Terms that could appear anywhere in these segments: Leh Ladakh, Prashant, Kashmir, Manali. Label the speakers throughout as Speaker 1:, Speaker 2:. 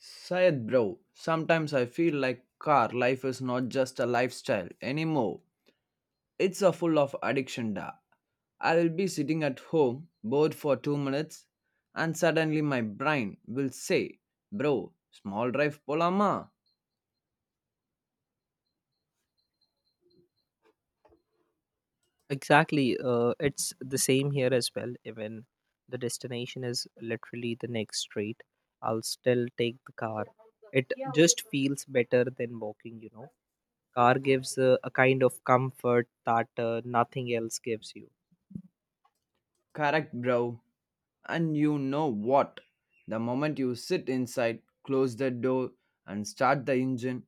Speaker 1: Sayed bro, sometimes I feel like car life is not just a lifestyle anymore. It's a full of addiction da. I will be sitting at home bored for 2 minutes and suddenly my brain will say, "Bro, small drive polama."
Speaker 2: Exactly. It's the same here as well. Even the destination is literally the next street, I'll still take the car. It just feels better than walking. Car gives a kind of comfort that nothing else gives you.
Speaker 1: Correct, bro. And you know what? The moment you sit inside, close the door, and start the engine,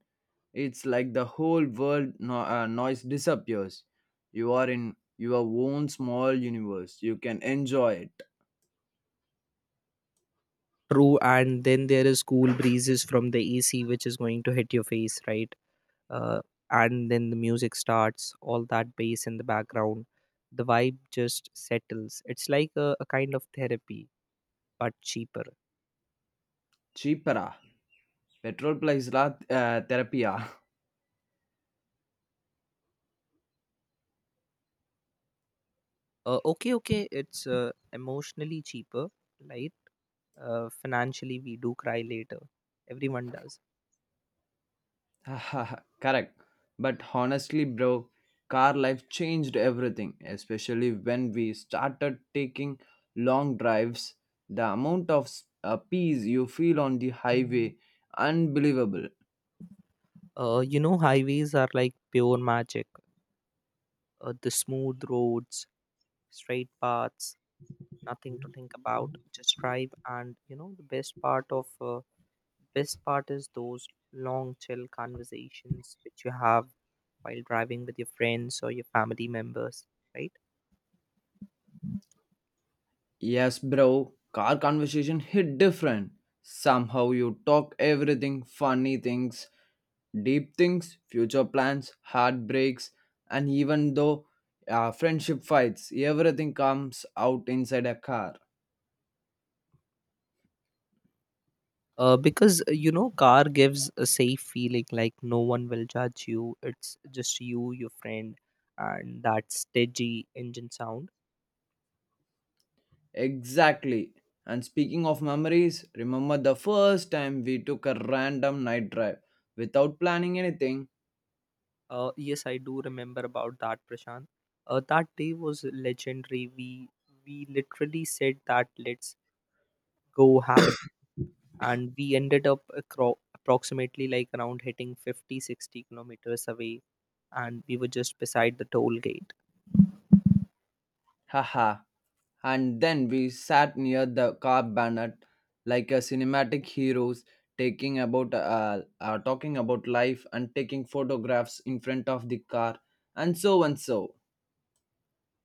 Speaker 1: it's like the whole world noise disappears. You are in your own small universe. You can enjoy it.
Speaker 2: True. And then there is cool breezes from the AC, which is going to hit your face, right? Uh, and then the music starts, all that bass in the background. The vibe just settles. It's like a kind of therapy, but cheaper.
Speaker 1: Cheapera. Petrol price la therapy. Yeah.
Speaker 2: Okay, okay, it's emotionally cheaper, right? Financially, we do cry later. Everyone does.
Speaker 1: Correct. But honestly, bro, car life changed everything, especially when we started taking long drives. The amount of peace you feel on the highway, unbelievable.
Speaker 2: Highways are like pure magic. The smooth roads, straight paths, nothing to think about. Just drive, and the best part of best part is those long chill conversations which you have while driving with your friends or your family members, right?
Speaker 1: Yes, bro, car conversation hit different. Somehow you talk everything funny things, deep things, future plans, heartbreaks, and even though friendship fights, everything comes out inside a car.
Speaker 2: Because car gives a safe feeling, like no one will judge you. It's just you, your friend, and that steady engine sound.
Speaker 1: Exactly. And speaking of memories, remember the first time we took a random night drive without planning anything?
Speaker 2: Yes, I do remember about that, Prashant. That day was legendary. We literally said that, let's go have it. And we ended up approximately, like, around hitting 50, 60 kilometers away, and we were just beside the toll gate.
Speaker 1: Haha. And then we sat near the car banner like a cinematic heroes taking about talking about life and taking photographs in front of the car and so and so.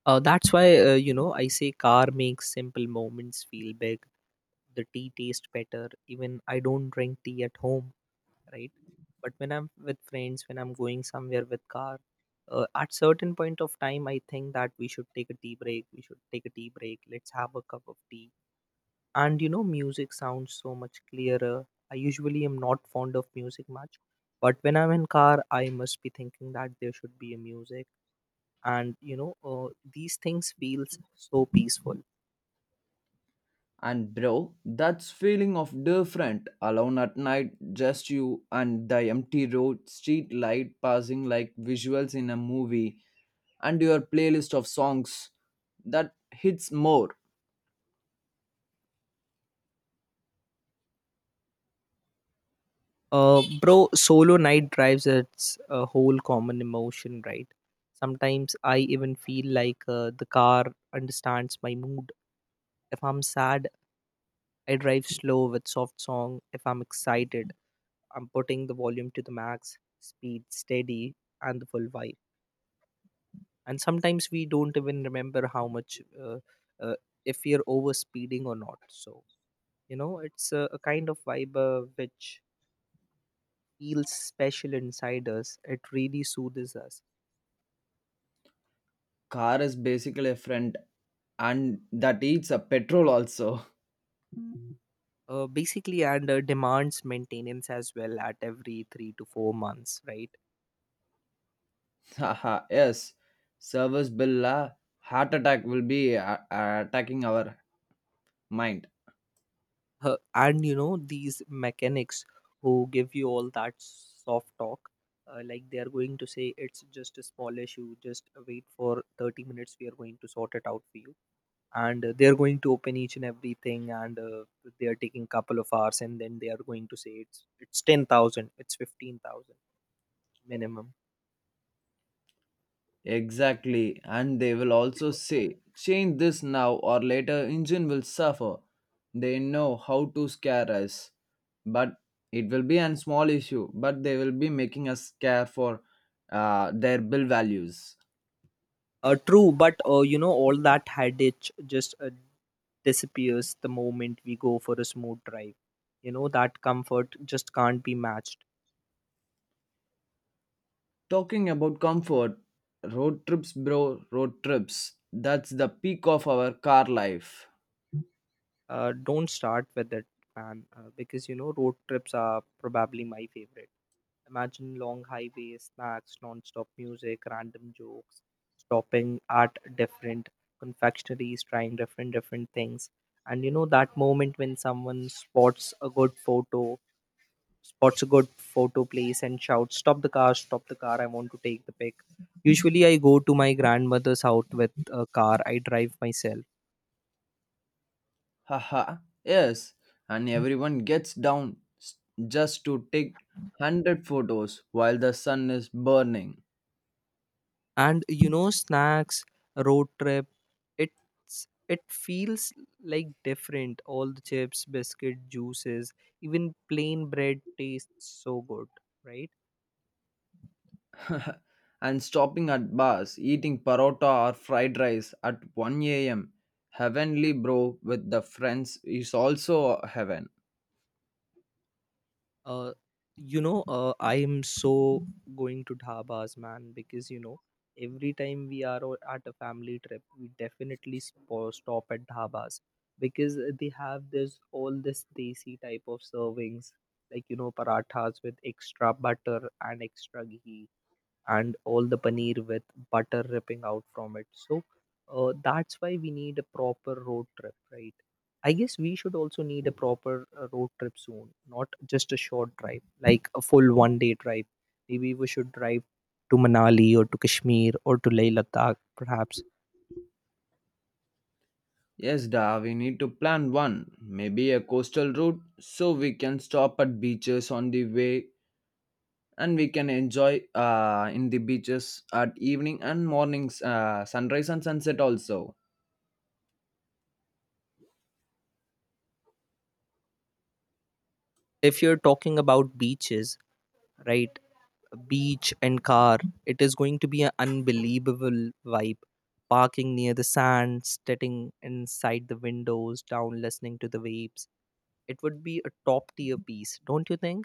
Speaker 2: That's why, I say car makes simple moments feel big. The tea tastes better, even I don't drink tea at home, right? But when I'm with friends, when I'm going somewhere with car, at certain point of time, I think that we should take a tea break we should take a tea break, let's have a cup of tea. And music sounds so much clearer. I usually am not fond of music much, but when I'm in car, I must be thinking that there should be a music. And these things feels so peaceful.
Speaker 1: And bro, that's feeling of different alone at night, just you and the empty road, street light passing like visuals in a movie, and your playlist of songs that hits more.
Speaker 2: Bro, solo night drives its a whole common emotion, right? Sometimes I even feel like the car understands my mood. If I'm sad, I drive slow with soft song. If I'm excited, I'm putting the volume to the max, speed steady, and the full vibe. And sometimes we don't even remember how much, uh, if we are over speeding or not. So, it's a kind of vibe which feels special inside us. It really soothes us.
Speaker 1: Car is basically a friend and that eats a petrol also.
Speaker 2: Basically, and demands maintenance as well at every 3 to 4 months, right?
Speaker 1: Haha, yes. Service bill, la, heart attack will be attacking our mind.
Speaker 2: And you know these mechanics who give you all that soft talk, like, they are going to say it's just a small issue, just wait for 30 minutes, we are going to sort it out for you. And they are going to open each and everything, and they are taking couple of hours, and then they are going to say it's 10,000, it's 15,000 minimum.
Speaker 1: Exactly, and they will also say, change this now or later, engine will suffer. They know how to scare us, but it will be a small issue, but they will be making us care for their bill values.
Speaker 2: True, but all that headache just disappears the moment we go for a smooth drive. That comfort just can't be matched.
Speaker 1: Talking about comfort, road trips, bro, road trips. That's the peak of our car life.
Speaker 2: Don't start with it, man, because road trips are probably my favorite. Imagine long highways, snacks, non-stop music, random jokes, stopping at different confectionaries, trying different different things. And you know that moment when someone spots a good photo place and shouts, stop the car, stop the car, I want to take the pic. Usually, I go to my grandmother's house with a car, I drive myself.
Speaker 1: Haha, yes, and everyone gets just to take 100 photos while the sun is burning.
Speaker 2: And snacks, road trip, it feels like different. All the chips, biscuit, juices, even plain bread tastes so good, right?
Speaker 1: And stopping at bars, eating parotta or fried rice at 1 a.m. Heavenly bro with the friends is also heaven.
Speaker 2: Uh, I am so going to dhabas, man, because every time we are at a family trip, we definitely stop at dhabas, because they have this all this desi type of servings, like, parathas with extra butter and extra ghee, and all the paneer with butter ripping out from it. So that's why we need a proper road trip, right? I guess we should also need a proper road trip soon, not just a short drive, like a full one day drive. Maybe we should drive to Manali, or to Kashmir, or to Leh Ladakh, perhaps.
Speaker 1: Yes, da, we need to plan one. Maybe a coastal route so we can stop at beaches on the way and we can enjoy in the beaches at evening and mornings, sunrise and sunset also.
Speaker 2: If you're talking about beaches, right? Beach and car. It is going to be an unbelievable vibe. Parking near the sand, sitting inside the windows, down, listening to the waves. It would be a top tier piece, don't you think?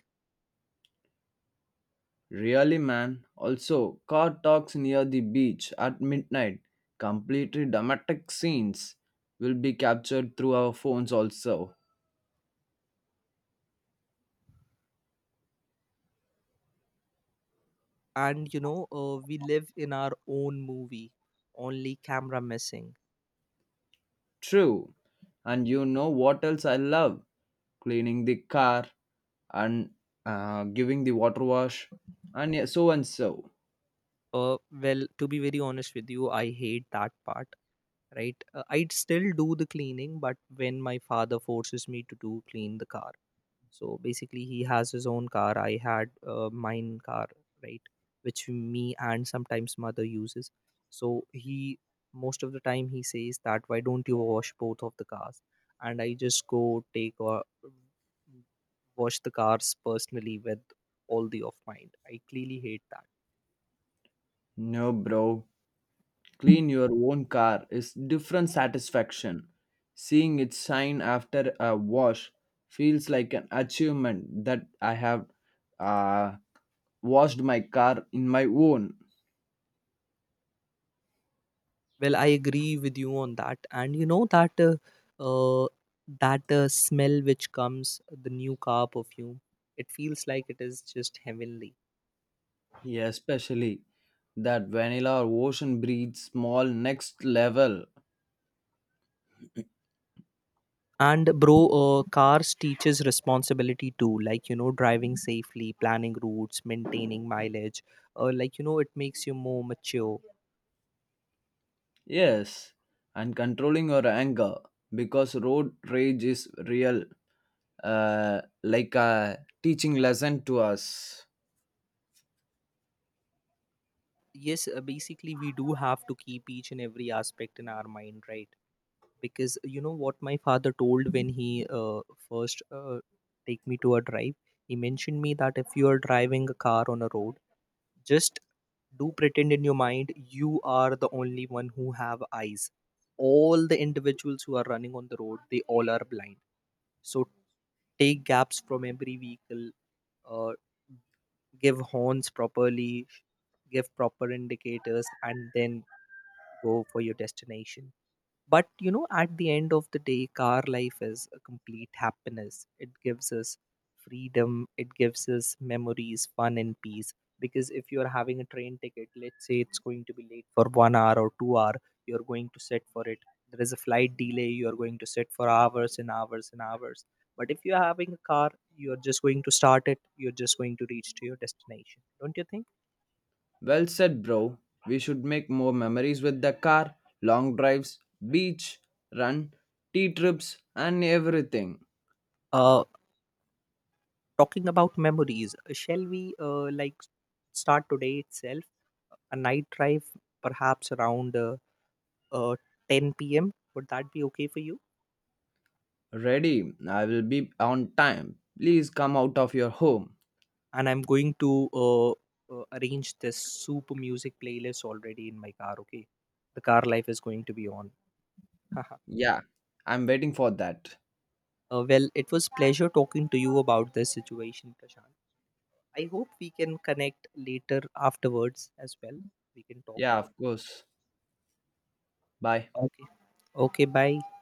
Speaker 1: Really, man. Also, car talks near the beach at midnight, completely dramatic scenes will be captured through our phones, also.
Speaker 2: And we live in our own movie, only camera missing.
Speaker 1: True. And you know what else I love? Cleaning the car and giving the water wash and yeah, so and so.
Speaker 2: Well, to be very honest with you, I hate that part. Right, I'd still do the cleaning, but when my father forces me to do clean the car. So basically, he has his own car. I had mine car, right, which me and sometimes mother uses. So he, most of the time, he says that, why don't you wash both of the cars? And I just go take or wash the cars personally with all the of mine. I clearly hate that.
Speaker 1: No, bro. Clean your own car is different satisfaction. Seeing it shine after a wash feels like an achievement that I have uh, washed my car in my own.
Speaker 2: Well, I agree with you on that, and you know that uh, smell which comes the new car perfume. It feels like it is just heavenly.
Speaker 1: Yeah, especially that vanilla or ocean breed small next level.
Speaker 2: And bro, cars teaches responsibility too, like driving safely, planning routes, maintaining mileage. Like, it makes you more mature.
Speaker 1: Yes, and controlling your anger because road rage is real, like a teaching lesson to us.
Speaker 2: Yes, basically, we do have to keep each and every aspect in our mind, right? Because you know what my father told when he first take me to a drive. He mentioned me that if you are driving a car on a road, just do pretend in your mind you are the only one who have eyes. All the individuals who are running on the road, they all are blind. So take gaps from every vehicle, uh, give horns properly, give proper indicators, and then go for your destination. But at the end of the day, car life is a complete happiness. It gives us freedom, it gives us memories, fun, and peace. Because if you are having a train ticket, let's say it's going to be late for 1 hour or 2 hour, you're going to sit for it. There is a flight delay, you are going to sit for hours and hours and hours. But if you're having a car, you're just going to start it, you're just going to reach to your destination, don't you think?
Speaker 1: Well said, bro. We should make more memories with the car, long drives, beach, run, tea trips, and everything.
Speaker 2: Uh, Talking about memories, shall we, like, start today itself? A night drive, perhaps around uh, 10 p.m. Would that be okay for you?
Speaker 1: Ready, I will be on time. Please come out of your home.
Speaker 2: And I'm going to arrange this super music playlist already in my car. Okay, the car life is going to be on. Haha.
Speaker 1: Yeah, I'm waiting for that.
Speaker 2: Well, it was pleasure talking to you about this situation, Prashant. I hope we can connect later afterwards as well. We can talk
Speaker 1: Yeah,
Speaker 2: more.
Speaker 1: of course. Bye.
Speaker 2: Okay. Okay. Bye.